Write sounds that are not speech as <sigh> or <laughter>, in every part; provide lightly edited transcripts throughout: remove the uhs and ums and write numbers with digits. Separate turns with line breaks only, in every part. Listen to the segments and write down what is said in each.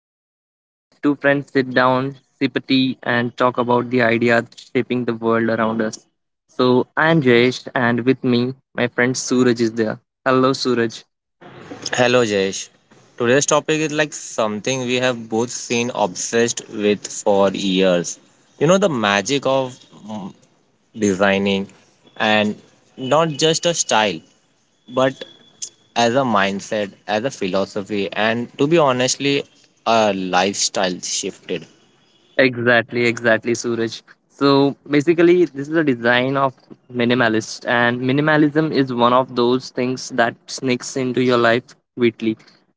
Dialogues, where two friends sit down, sip a tea, and talk about the ideas shaping the world around us. So, I'm Jayesh, and with me, my friend Suraj is there. Hello, Suraj.
Hello Jayesh. Today's topic is like something we have both seen obsessed with for years. You know the magic of mm, designing and not just a style but as a mindset, as a philosophy, and to be honestly a lifestyle shifted.
Exactly, exactly, Suraj. So basically, this is a design of minimalist, and minimalism is one of those things that sneaks into your life quickly,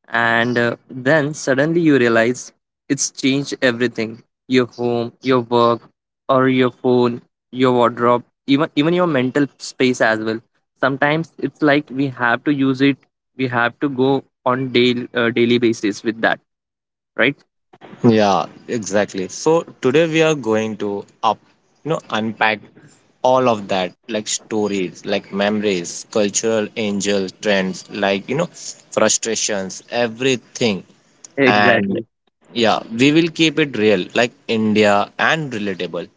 and then suddenly you realize it's changed everything: your home, your work, or your phone, your wardrobe, even your mental space as well. Sometimes it's like we have to use it; we have to go on daily daily basis with that, right?
Yeah, exactly. So today we are going to you know, unpack all of that, like stories, like memories, cultural angel trends, like you know, frustrations, everything. And
Exactly.
yeah, we will keep it real, like India and relatable.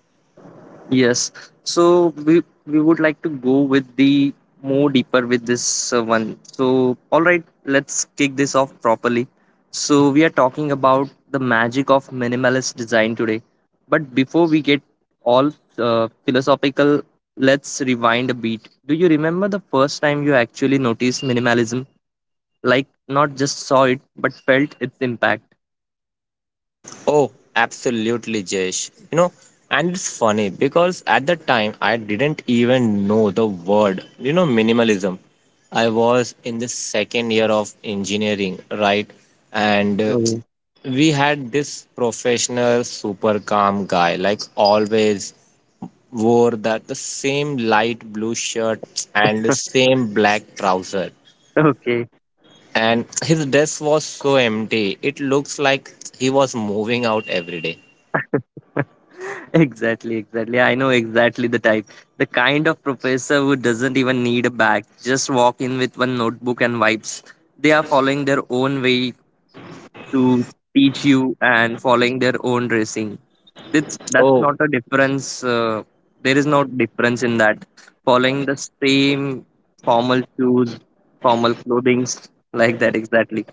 Yes. So we would like to go with the more deeper with this one. So all right, let's kick this off properly. So we are talking about the magic of minimalist design today. But before we get all philosophical, let's rewind a beat. Do you remember the first time you actually noticed minimalism? Like not just saw it, but felt its impact.
Oh, absolutely, Jesh. You know, and it's funny because at the time I didn't even know the word, you know, minimalism. I was in the second year of engineering, right? And
Oh.
we had this professional, super calm guy, like always wore that the same light blue shirt and the same black trouser,
<laughs> Okay.
and his desk was so empty it looks like he was moving out every day.
<laughs> Exactly, exactly. I know exactly the type. The kind of professor who doesn't even need a bag, just walk in with one notebook and vibes. They are following their own way to teach you and following their own dressing. That's
Oh,
not a difference. There is no difference in that. Following the same formal shoes, formal clothings like that exactly.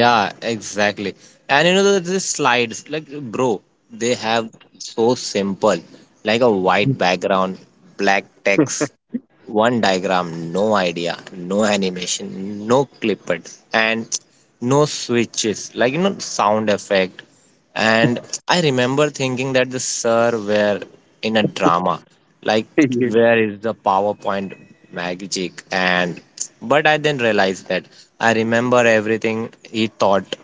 yeah, exactly. And you know, the slides, like, bro, they have so simple, like a white background, black text, one diagram, no idea, no animation, no clipped, and no switches, like you know, sound effect. And I remember thinking that the sir were in a drama, like
<laughs>
where is the PowerPoint magic? And but I then realized that I remember everything he taught,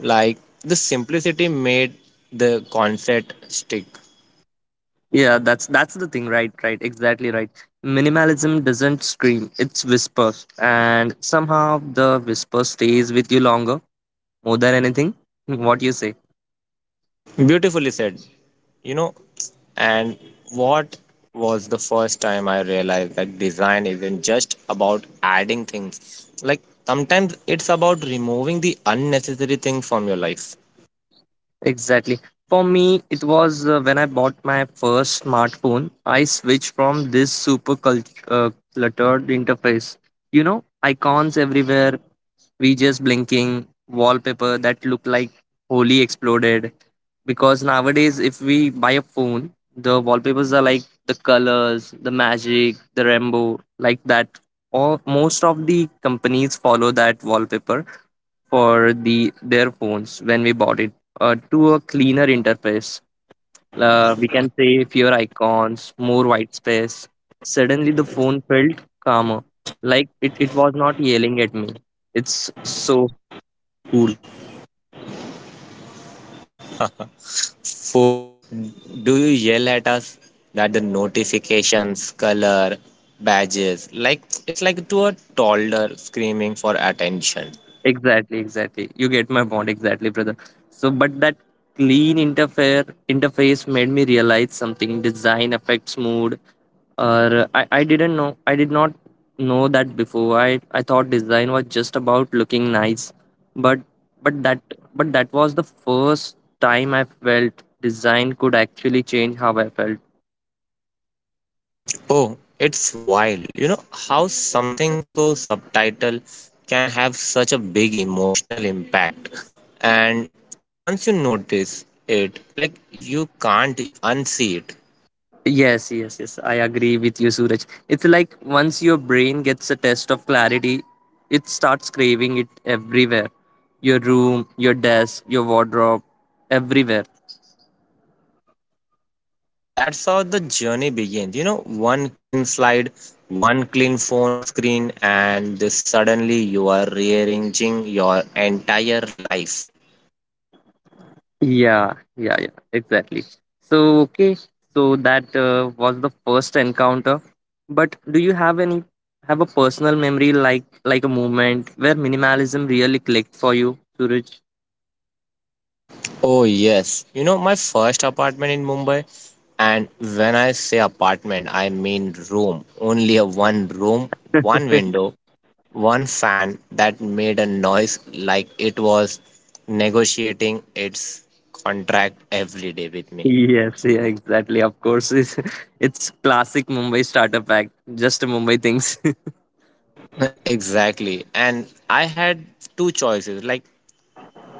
like the simplicity made the concept stick.
Yeah, that's the thing, right? Right, exactly right. Minimalism doesn't scream; it's whispers, and somehow the whisper stays with you longer, more than anything. <laughs> What you say?
Beautifully said. You know, and what was the first time I realized that design isn't just about adding things. Like sometimes it's about removing the unnecessary thing from your life.
Exactly. For me, it was when I bought my first smartphone. I switched from this super cluttered interface. You know, icons everywhere, just blinking, wallpaper that looked like holy exploded, because nowadays if we buy a phone, the wallpapers are like the colors, the magic, the rainbow like that, or most of the companies follow that wallpaper for the their phones when we bought it, to a cleaner interface. We can say fewer icons, more white space. Suddenly the phone felt calmer, like it was not yelling at me. It's so cool.
Phones, do you yell at us that the notifications, color, badges, like it's like to a toddler screaming for attention.
Exactly, exactly. You get my point exactly, brother. So, but that clean interfere interface made me realize something. Design affects mood. Or I didn't know. I did not know that before. I thought design was just about looking nice, but but that that was the first time I felt design could actually change how I felt.
Oh, it's wild. You know how something so subtitle can have such a big emotional impact. And once you notice it, like you can't unsee it.
Yes, yes, yes. I agree with you, Suraj. It's like once your brain gets a test of clarity, it starts craving it everywhere: your room, your desk, your wardrobe, everywhere.
And that's how the journey begins. You know, one clean slide, one clean phone screen, and suddenly you are rearranging your entire life.
Yeah, yeah, yeah, exactly. So, okay, so that was the first encounter. But do you have any have a personal memory, like a moment where minimalism really clicked for you, Suraj?
Oh, yes. You know, my first apartment in Mumbai. And when I say apartment, I mean room. Only a one room, one
<laughs>
window, one fan that made a noise like it was negotiating its contract every day with me.
Yes, yeah, exactly. Of course, it's, <laughs> it's classic Mumbai startup act. Just Mumbai things. <laughs>
<laughs> exactly. And I had two choices. Like,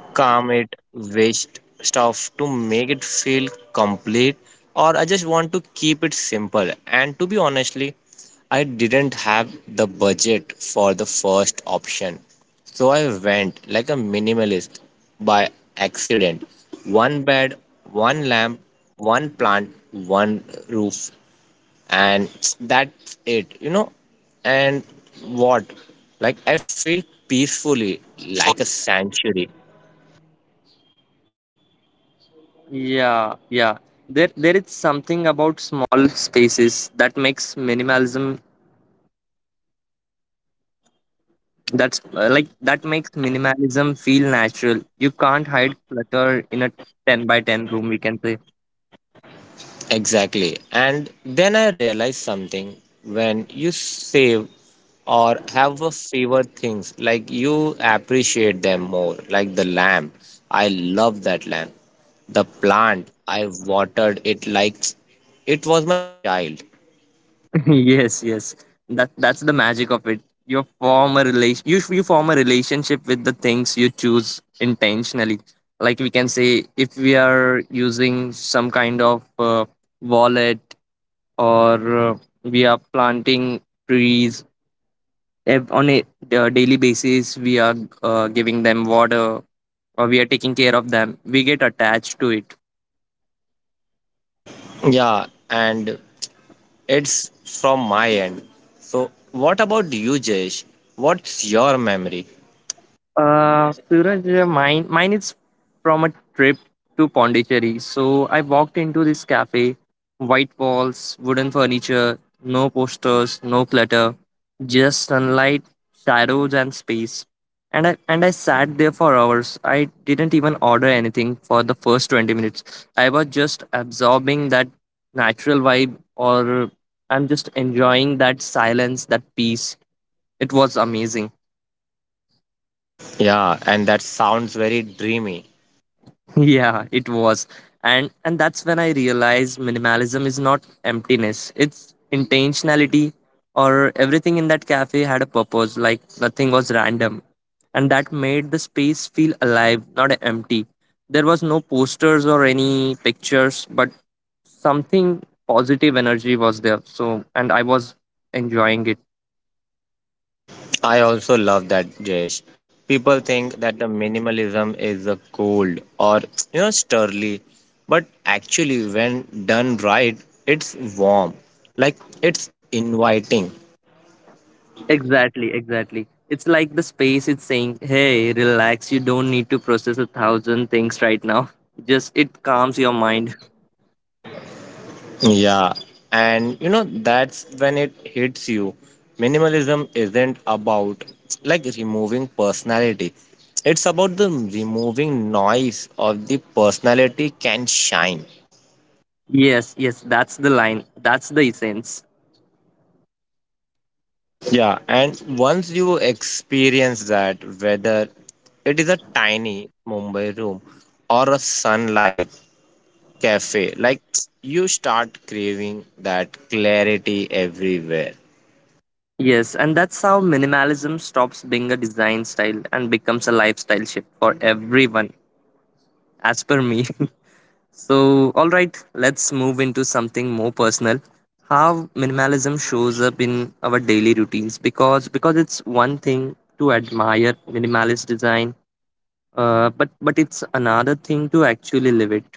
calm it, waste stuff to make it feel complete, or I just want to keep it simple. And to be honestly, I didn't have the budget for the first option. So I went like a minimalist by accident. One bed, one lamp, one plant, one roof, and that's it, you know. And what? Like I feel peacefully, like a sanctuary.
That's Like that makes minimalism feel natural. You can't hide clutter in a 10 by 10 room, we can say.
Exactly. And then I realized something when you save or have a favorite things, like you appreciate them more, like the lamp. I love that lamp. The plant, I watered it like it was my child.
<laughs> Yes, yes. That that's the magic of it. You form a relationship with the things you choose intentionally. Like we can say if we are using some kind of wallet or we are planting trees on a daily basis, we are giving them water, or we are taking care of them, we get attached to it.
Yeah, and it's from my end. So, what about you, Jesh? What's your memory?
Suraj, mine is from a trip to Pondicherry. So I walked into this cafe: white walls, wooden furniture, no posters, no clutter, just sunlight, shadows and space. And I sat there for hours. I didn't even order anything for the first 20 minutes. I was just absorbing that natural vibe, or I'm just enjoying that silence, that peace. It was amazing.
Yeah, and that sounds very dreamy.
<laughs> Yeah, it was. And that's when I realized minimalism is not emptiness, it's intentionality. Or everything in that cafe had a purpose, like nothing was random, and that made the space feel alive, not empty. There was no posters or any pictures, but something, positive energy was there. So, and I was enjoying it.
I also love that, Jayesh. People think that the minimalism is a cold or you know sturdy, but actually, when done right, it's warm, like it's inviting.
Exactly, exactly. It's like the space is saying, hey, relax, you don't need to process a thousand things right now. <laughs> Just it calms your mind.
Yeah, and you know that's when it hits you. Minimalism isn't about like removing personality. It's about the removing noise of the personality can shine.
Yes, yes, that's the line. That's the essence.
Yeah, and once you experience that, whether it is a tiny Mumbai room or a sunlight cafe, like you start craving that clarity everywhere.
Yes, and that's how minimalism stops being a design style and becomes a lifestyle shift for everyone, as per me. <laughs> So, all right, let's move into something more personal. How minimalism shows up in our daily routines, because it's one thing to admire minimalist design. But it's another thing to actually live it.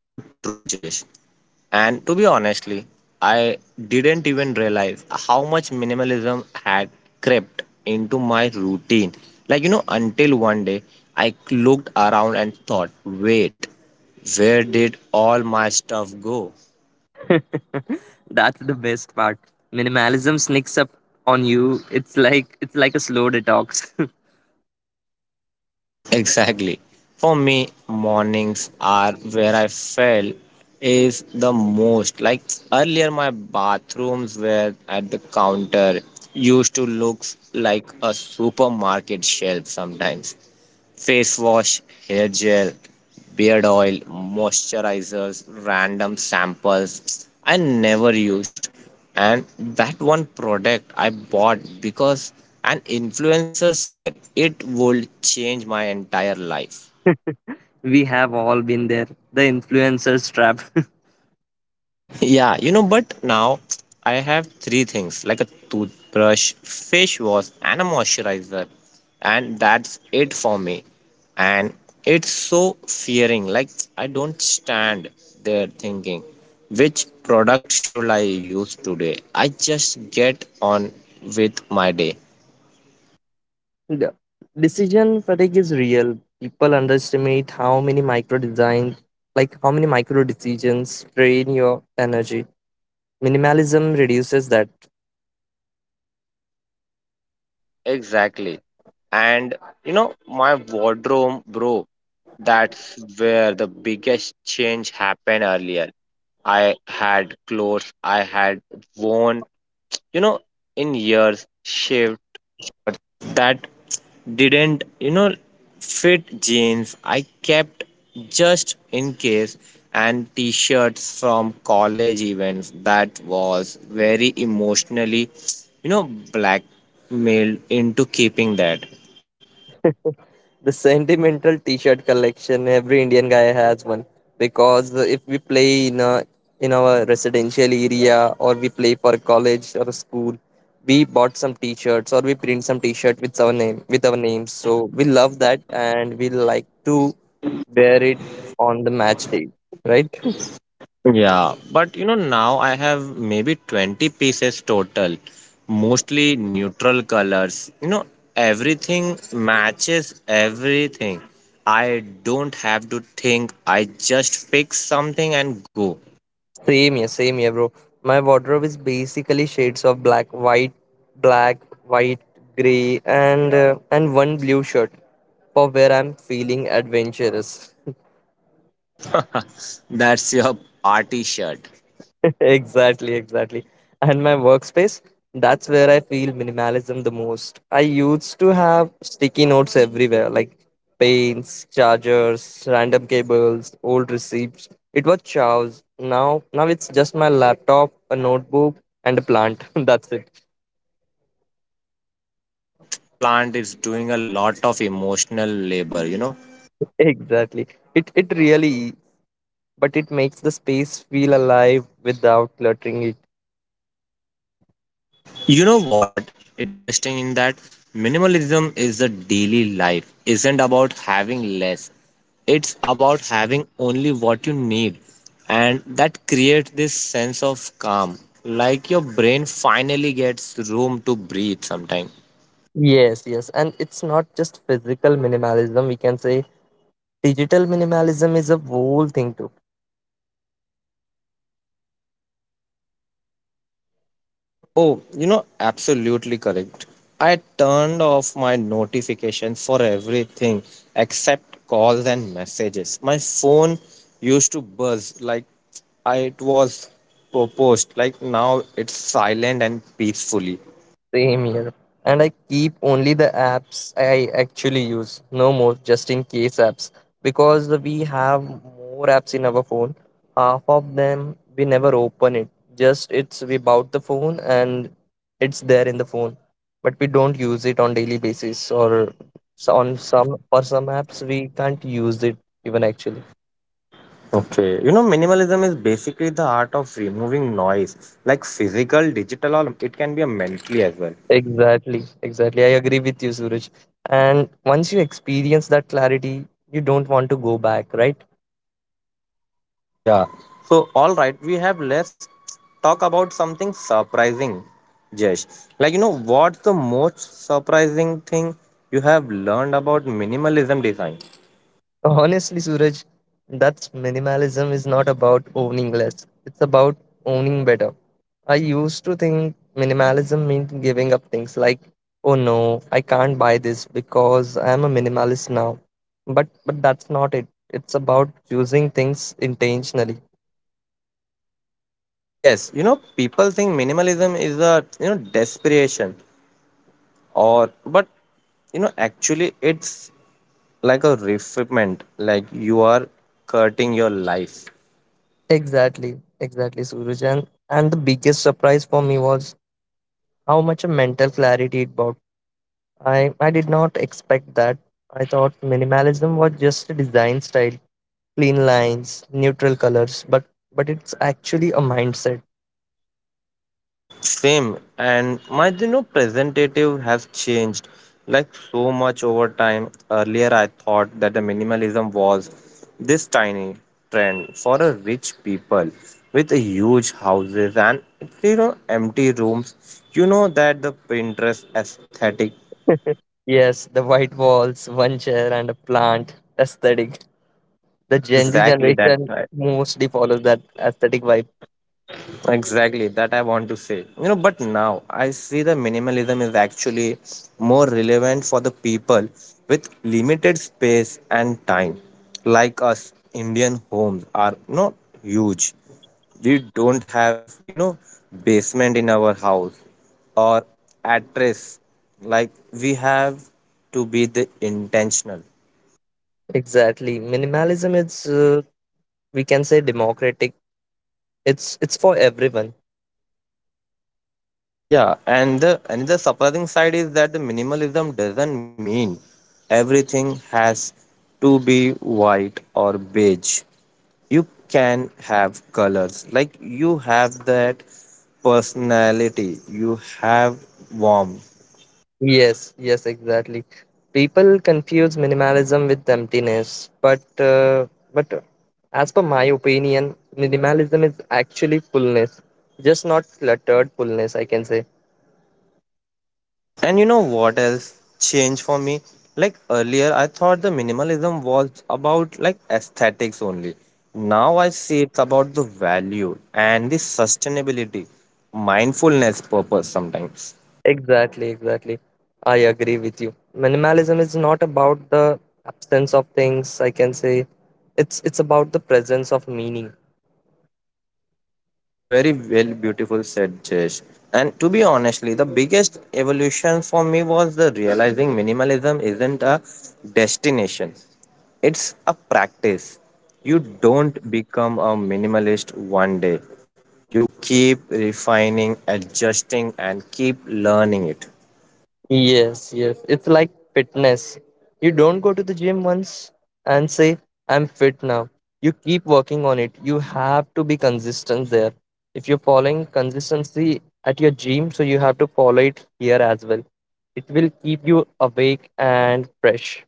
So true, Jesh. And to be honestly, I didn't even realize how much minimalism had crept into my routine. Like, you know, until one day I looked around and thought, wait, where did all my stuff go?
That's the best part. Minimalism sneaks up on you. It's like a slow detox.
Exactly. For me, mornings are where I felt is the most. Like earlier, my bathrooms were at the counter, used to look like a supermarket shelf sometimes. Face wash, hair gel, beard oil, moisturizers, random samples I never used. And that one product I bought because an influencer said it would change my entire life.
<laughs> We have all been there. The influencer's trap. <laughs>
Yeah, you know, but now I have three things like a toothbrush, fish wash, and a moisturizer, and that's it for me. And it's so fearing, like I don't stand there thinking which product should I use today. I just get on with my day.
The decision fatigue is real. People underestimate how many micro design, like how many micro decisions drain your energy. Minimalism reduces that.
Fit jeans I kept just in case, and t-shirts from college events that was very emotionally you know blackmailed into keeping that.
The sentimental T-shirt collection. Every Indian guy has one, because if we play in our residential area or we play for college or school, we bought some T-shirts or we print some T-shirt with our name, with our names. So we love that and we like to wear it on the match day, right?
Yeah, but you know now I have maybe 20 pieces total, mostly neutral colors, you know, everything matches everything. I don't have to think, I just pick something and go.
Same here, bro. My wardrobe is basically shades of black, white, gray, and one blue shirt for where I'm feeling adventurous.
<laughs> That's your party shirt.
<laughs> Exactly, exactly. And my workspace, that's where I feel minimalism the most. I used to have sticky notes everywhere, like paints, chargers, random cables, old receipts. It was chaos. Now it's just my laptop, a notebook, and a plant. <laughs> That's it.
That plant is doing a lot of emotional labor, you know.
Exactly. It really, but it makes the space feel alive without cluttering it.
You know what? Interesting in that minimalism is a daily life, isn't about having less. It's about having only what you need. And that creates this sense of calm. Like your brain finally gets room to breathe sometime.
Yes, yes. And it's not just physical minimalism, we can say digital minimalism is a whole thing too.
Yeah. Oh, you know, absolutely correct. I turned off my notifications for everything except calls and messages. My phone used to buzz like I, it was proposed. Like now it's silent and peacefully.
Same here. And I keep only the apps I actually use, no more just in case apps. Because we have more apps in our phone, half of them we never open it. Just it's we bought the phone and it's there in the phone, but we don't use it on daily basis or s- on some for some apps we can't use it even actually.
Okay. You know, minimalism is basically the art of removing noise, like physical, digital, or it can be a mentally as well.
Exactly, exactly. I agree with you, Suraj. And once you experience that clarity, you don't want to go back, right?
Yeah. So, all right, we have let's talk about something surprising, Jesh. Like, you know, what's the most surprising thing you have learned about minimalism design?
Honestly, Suraj, that's minimalism is not about owning less. It's about owning better. I used to think minimalism meant giving up things like, oh no, I can't buy this because I'm a minimalist now. But that's not it. It's about choosing things intentionally.
Yes, you know, people think minimalism is a, you know, desperation or, but, you know, actually it's like a refinement, like you are cutting your life.
Exactly, exactly, Suraj. And the biggest surprise for me was how much a mental clarity it brought. I did not expect that. I thought minimalism was just a design style, clean lines, neutral colors, but it's actually a mindset.
Same, and my you know presentative has changed like so much over time. Earlier, I thought that the minimalism was this tiny trend for a rich people with a huge houses and you know empty rooms. You know that the Pinterest aesthetic,
Yes, the white walls, one chair and a plant aesthetic. The Gen Z
exactly that.
generation
Right?
mostly follows that aesthetic vibe.
Exactly that I want to say. You know, but now I see the minimalism is actually more relevant for the people with limited space and time. Like us, Indian homes are not huge. We don't have, you know, basement in our house or address. Like we have to be the intentional.
Exactly. Minimalism is, we can say, democratic. It's for everyone.
Yeah, and the another surprising side is that the minimalism doesn't mean everything has to be white or beige. You can have colors. Like you have that personality, you have warmth.
Yes, yes, exactly. People confuse minimalism with emptiness, but as per my opinion, minimalism is actually fullness, just not cluttered fullness, I can say.
And you know what else changed for me? Like earlier, I thought the minimalism was about like aesthetics only. Now I see it's about the value and the sustainability, mindfulness purpose sometimes.
Exactly, exactly. I agree with you. Minimalism is not about the absence of things, I can say. It's about the presence of meaning.
Very well, beautiful said Jesh. And to be honestly, the biggest evolution for me was the realizing minimalism isn't a destination. It's a practice. You don't become a minimalist one day. You keep refining, adjusting, and keep learning it.
Yes, yes. It's like fitness. You don't go to the gym once and say, I'm fit now. You keep working on it. You have to be consistent there. If you're following consistency at your gym, so you have to follow it here as well. It will keep you awake and fresh.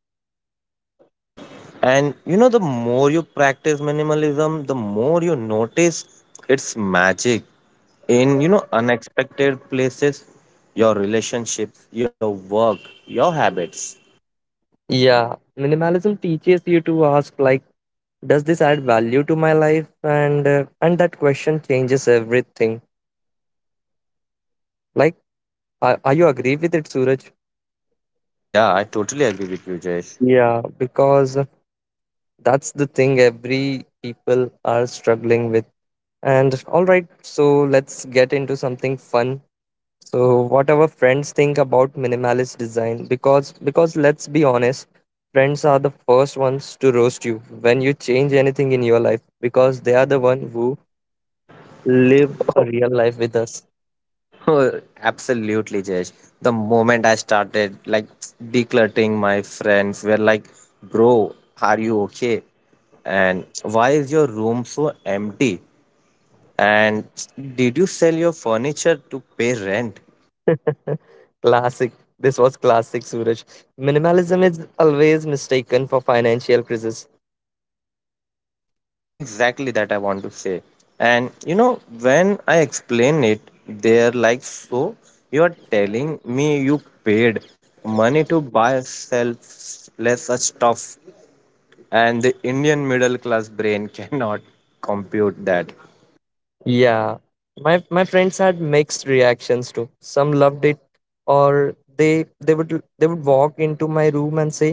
And you know, the more you practice minimalism, the more you notice its magic in, you know, unexpected places, your relationships, your work, your habits.
Yeah, minimalism teaches you to ask, like, does this add value to my life? And that question changes everything. Like, are you agree with it, Suraj?
Yeah, I totally agree with you, Jayesh.
Yeah, because that's the thing every people are struggling with. And all right, so let's get into something fun. So what our friends think about minimalist design, because let's be honest, friends are the first ones to roast you when you change anything in your life, because they are the one who live a real life with us.
Oh, <laughs> absolutely, Jayesh. The moment I started like decluttering, my friends were like, bro, are you okay? And why is your room so empty? And did you sell your furniture to pay rent?
<laughs> Classic. This was classic Suraj. Minimalism is always mistaken for financial crisis.
Exactly that I want to say. And you know, when I explain it, they're like, so you are telling me you paid money to buy selfless stuff, and the Indian middle class brain <laughs> cannot compute that.
Yeah, my friends had mixed reactions too. Some loved it, or they would walk into my room and say,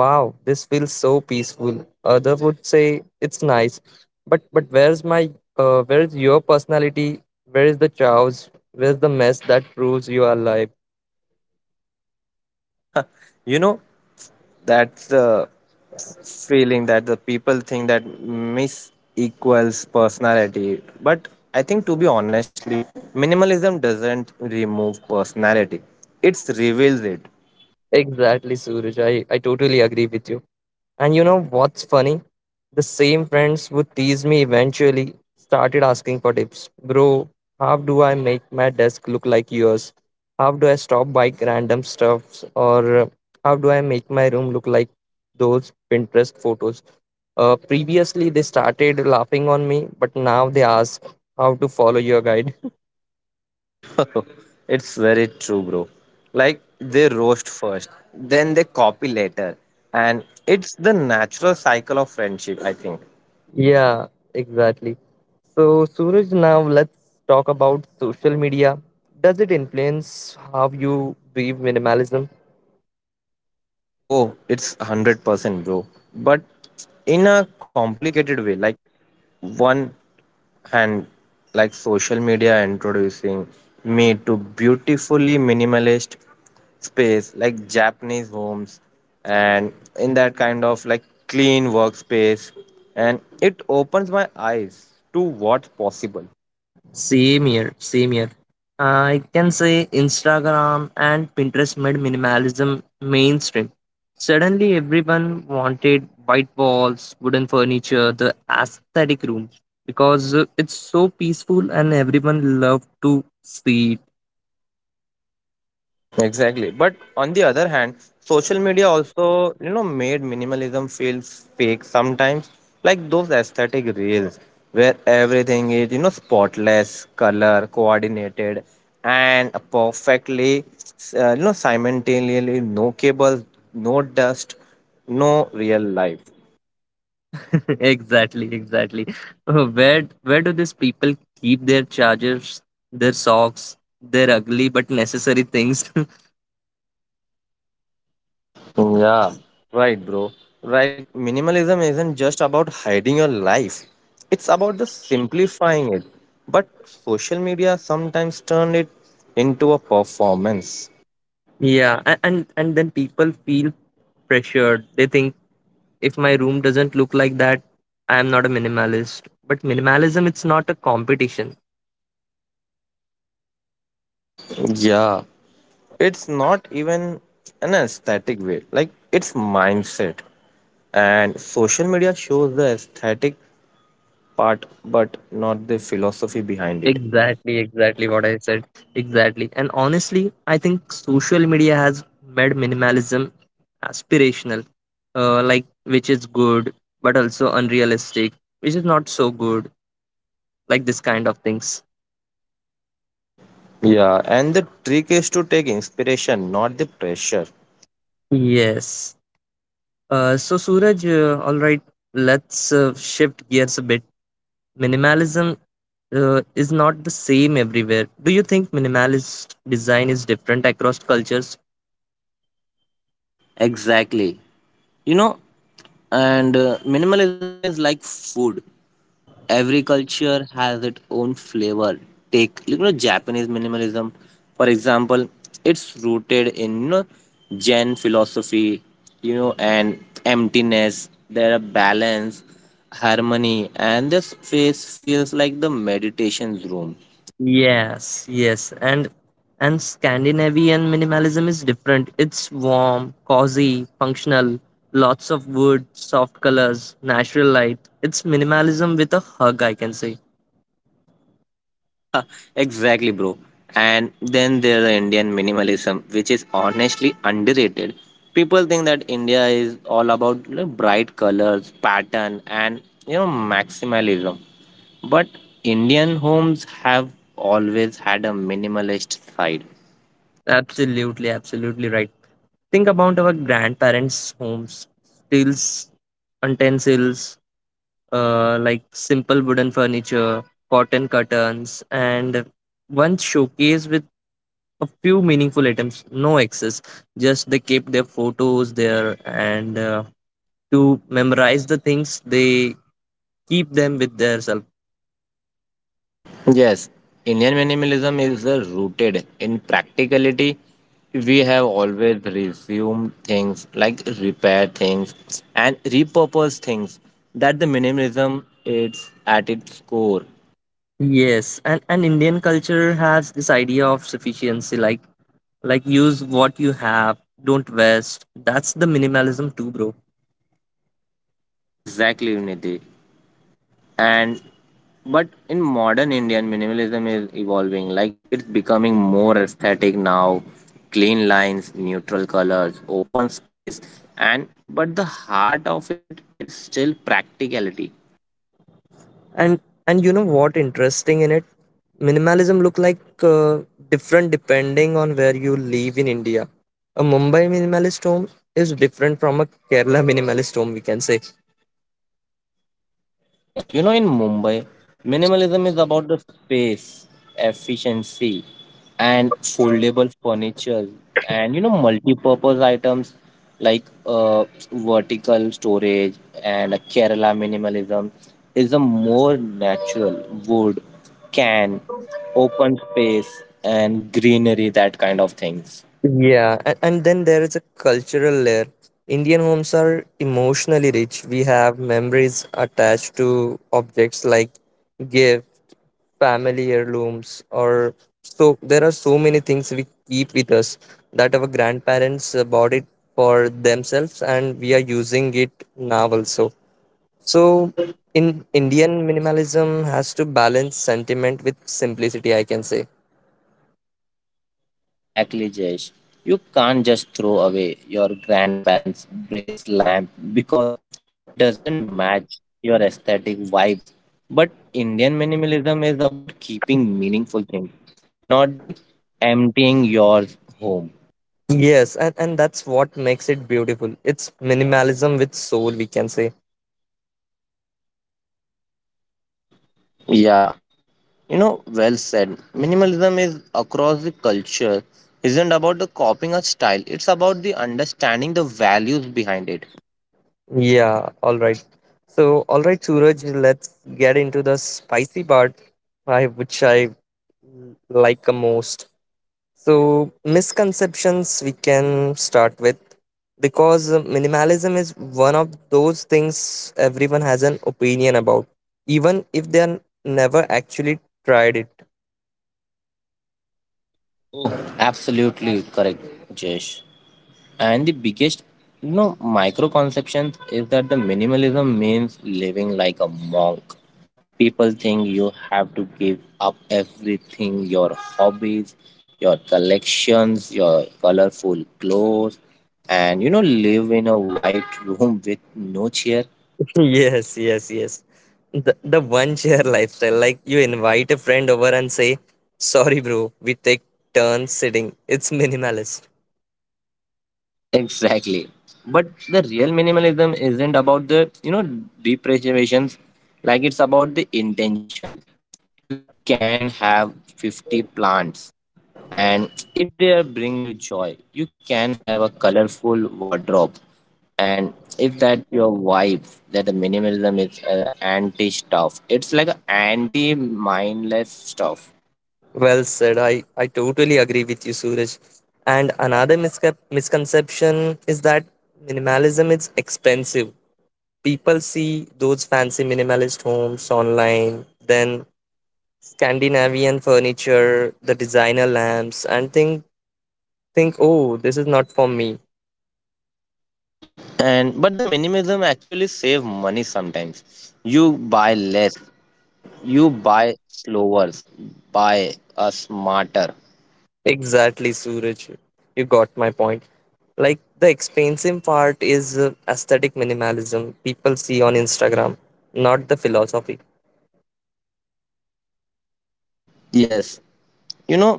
"Wow, this feels so peaceful." Other would say, "It's nice," but where's your personality? Where is the chaos? Where's the mess that proves you are alive?
You know, that's the feeling that the people think that miss equals personality. But I think, to be honestly, minimalism doesn't remove personality, it's reveals it.
Exactly, Suraj. I totally agree with you. And you know what's funny? The same friends would tease me eventually started asking for tips. Bro, how do I make my desk look like yours? How do I stop buying random stuffs? Or how do I make my room look like those Pinterest photos? Previously, they started laughing on me, but now they ask how to follow your guide. <laughs>
<laughs> it's very true, bro. Like they roast first, then they copy later. And it's the natural cycle of friendship, I think.
Yeah, exactly. So, Suraj, now let's talk about social media. Does it influence how you view minimalism?
Oh, it's 100%, bro. But in a complicated way, like one and like social media introducing me to beautifully minimalist space like Japanese homes and in that kind of like clean workspace, and it opens my eyes to what's possible.
Same here, same here. I can say Instagram and Pinterest made minimalism mainstream. Suddenly, everyone wanted white walls, wooden furniture, the aesthetic room because it's so peaceful and everyone loved to see.
Exactly. But on the other hand, social media also, you know, made minimalism feel fake sometimes, like those aesthetic reels where everything is, you know, spotless, color coordinated, and perfectly, you know, simultaneously, no cables, no dust, no real life.
<laughs> Exactly, exactly. Where do these people keep their chargers, their socks, their ugly but necessary things? <laughs>
Mm, yeah, right, bro. Right. Minimalism isn't just about hiding your life, it's about the simplifying it. But social media sometimes turn it into a performance.
Yeah, and then people feel pressured. They think if my room doesn't look like that, I am not a minimalist. But minimalism, it's not a competition.
Yeah, it's not even an aesthetic way, like it's mindset. And social media shows the aesthetic part, but not the philosophy behind it.
Exactly, exactly what I said. Exactly. And honestly, I think social media has made minimalism aspirational, like which is good, but also unrealistic, which is not so good, like this kind of things.
Yeah, and the trick is to take inspiration, not the pressure.
Yes. So, Suraj, all right, let's shift gears a bit. Minimalism is not the same everywhere. Do you think minimalist design is different across cultures?
Exactly. You know, and minimalism is like food. Every culture has its own flavor. Take, you know, Japanese minimalism, for example, it's rooted in, you know, Zen philosophy, you know, and emptiness. There are balance, harmony, and this space feels like the meditation's room.
Yes, yes, and Scandinavian minimalism is different. It's warm, cozy, functional, lots of wood, soft colors, natural light. It's minimalism with a hug, I can say.
<laughs> exactly, bro. And then there is the Indian minimalism, which is honestly underrated. People think that India is all about you know, bright colors, pattern, and you know maximalism. But Indian homes have always had a minimalist side.
Absolutely, absolutely right. Think about our grandparents' homes. Steels, utensils, like simple wooden furniture, cotton curtains, and one showcase with a few meaningful items, no access. Just they keep their photos there, and to memorize the things, they keep them with their self.
Yes, Indian minimalism is rooted in practicality. We have always resumed things like repair things and repurpose things. That the minimalism is at its core.
Yes, and Indian culture has this idea of sufficiency, like use what you have, don't waste. That's the minimalism too, bro.
Exactly, Nidhi. And but in modern Indian minimalism is evolving. Like it's becoming more aesthetic now. Clean lines, neutral colors, open space, and but the heart of it is still practicality.
And you know what interesting in it, minimalism look like different depending on where you live in India. A Mumbai minimalist home is different from a Kerala <laughs> minimalist home, we can say.
Yes, you know, in Mumbai, minimalism is about the space, efficiency, and foldable furniture, and you know, multi-purpose items like vertical storage. And a Kerala minimalism is a more natural wood, can, open space, and greenery, that kind of things.
Yeah, and then there is a cultural layer. Indian homes are emotionally rich. We have memories attached to objects like gifts, family heirlooms, or so. There are so many things we keep with us that our grandparents bought it for themselves and we are using it now also. So in Indian minimalism has to balance sentiment with simplicity, I can say.
Exactly, Jesh. You can't just throw away your grandparents' brace lamp because it doesn't match your aesthetic vibes. But Indian minimalism is about keeping meaningful things, not the emptying your home.
Yes, and that's what makes it beautiful. It's minimalism with soul, we can say.
Yeah, you know, well said. Minimalism is across the culture isn't about the copying a style. It's about the understanding the values behind it.
Yeah, all right. So all right Suraj, let's get into the spicy part, I which I like the most. So, misconceptions we can start with because minimalism is one of those things everyone has an opinion about, even if they are never actually tried it.
Absolutely correct, Jesh. And the biggest, you know, microconception is that the minimalism means living like a monk. People think you have to give up everything your hobbies, your collections, your colorful clothes, and you know, live in a white room <laughs> with no chair.
<laughs> Yes, yes, yes. The one chair <laughs> lifestyle, like you invite a friend over and say, "Sorry, bro, we take turns sitting. It's minimalist."
Exactly. But the real minimalism isn't about the, you know, deprivations, like it's about the intention. You can have 50 plants, and if they bring you joy you can have a colorful wardrobe, and if that your vibe, that the minimalism is anti stuff, it's like a anti mindless stuff.
Well said. I totally agree with you, Suraj. And another miscap misconception is that minimalism is expensive. People see those fancy minimalist homes online, then Scandinavian furniture, the designer lamps, and think, oh, this is not for me.
And but the minimalism actually save money sometimes, you buy less, you buy slower, buy a smarter.
Exactly, Suraj. You got my point. Like the expensive part is aesthetic minimalism people see on Instagram, not the philosophy.
Yes, you know,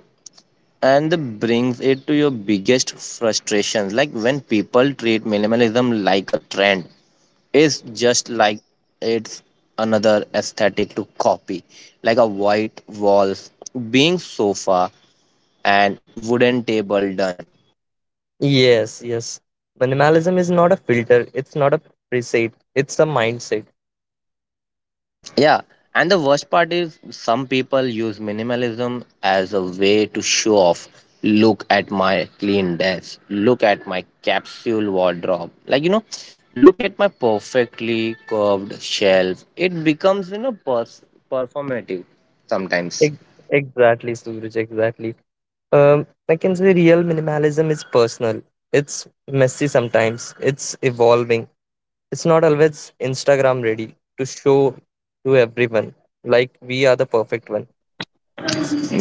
and that brings it to your biggest frustrations like when people treat minimalism like a trend, it's just like it's another aesthetic to copy, like a white walls, being sofa, and wooden table, done.
Yes, yes. Minimalism is not a filter, it's not a preset, it's a mindset.
Yeah, and the worst part is some people use minimalism as a way to show off. Look at my clean desk. Look at my capsule wardrobe. Like, you know, look at my perfectly curved shelf. It becomes, you know, performative sometimes.
Ex- Exactly, Suraj, exactly. I can say real minimalism is personal. It's messy sometimes, it's evolving. It's not always Instagram ready to show to everyone like we are the perfect one.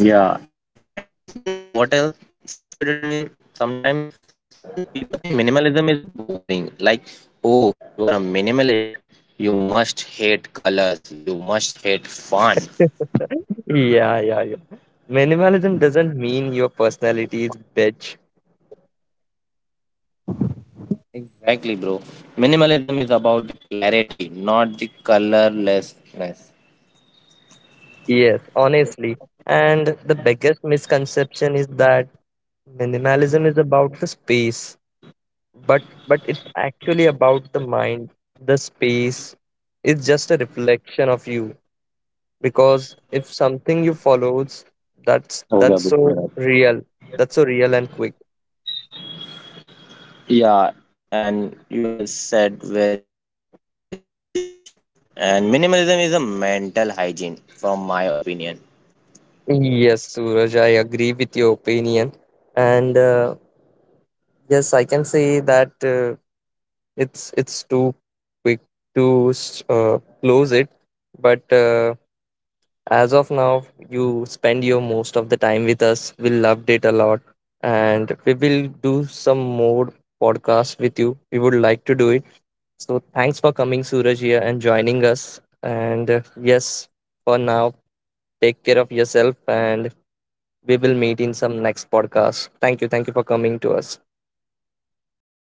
Yeah, and you know what else frustrated me sometimes when people think minimalism is boring. Like, oh, you are a minimalist. You must hate colors. You must hate fun.
Yeah, yeah, yeah. Minimalism doesn't mean your personality is bitch.
Exactly, bro. Minimalism is about the clarity, not the colorlessness.
Yes, honestly. And the biggest misconception is that minimalism is about the space, but it's actually about the mind. The space is just a reflection of you because if something you follows, that's so real. That's so real and quick.
Yeah, and you have said very beautifully, Nitesh. And minimalism is a mental hygiene, from my opinion.
Yes, Suraj, I agree with your opinion, and yes, I can say that it's too quick to close it, but. As of now, you spend your most of the time with us. We loved it a lot, and we will do some more podcasts with you. We would like to do it. So thanks for coming, Suraj, here and joining us. And yes,
Yeah.
for now, take care of yourself, and we will meet in some next podcast. Thank you for coming to us.
Thank you. Thank you, everyone. Bye bye.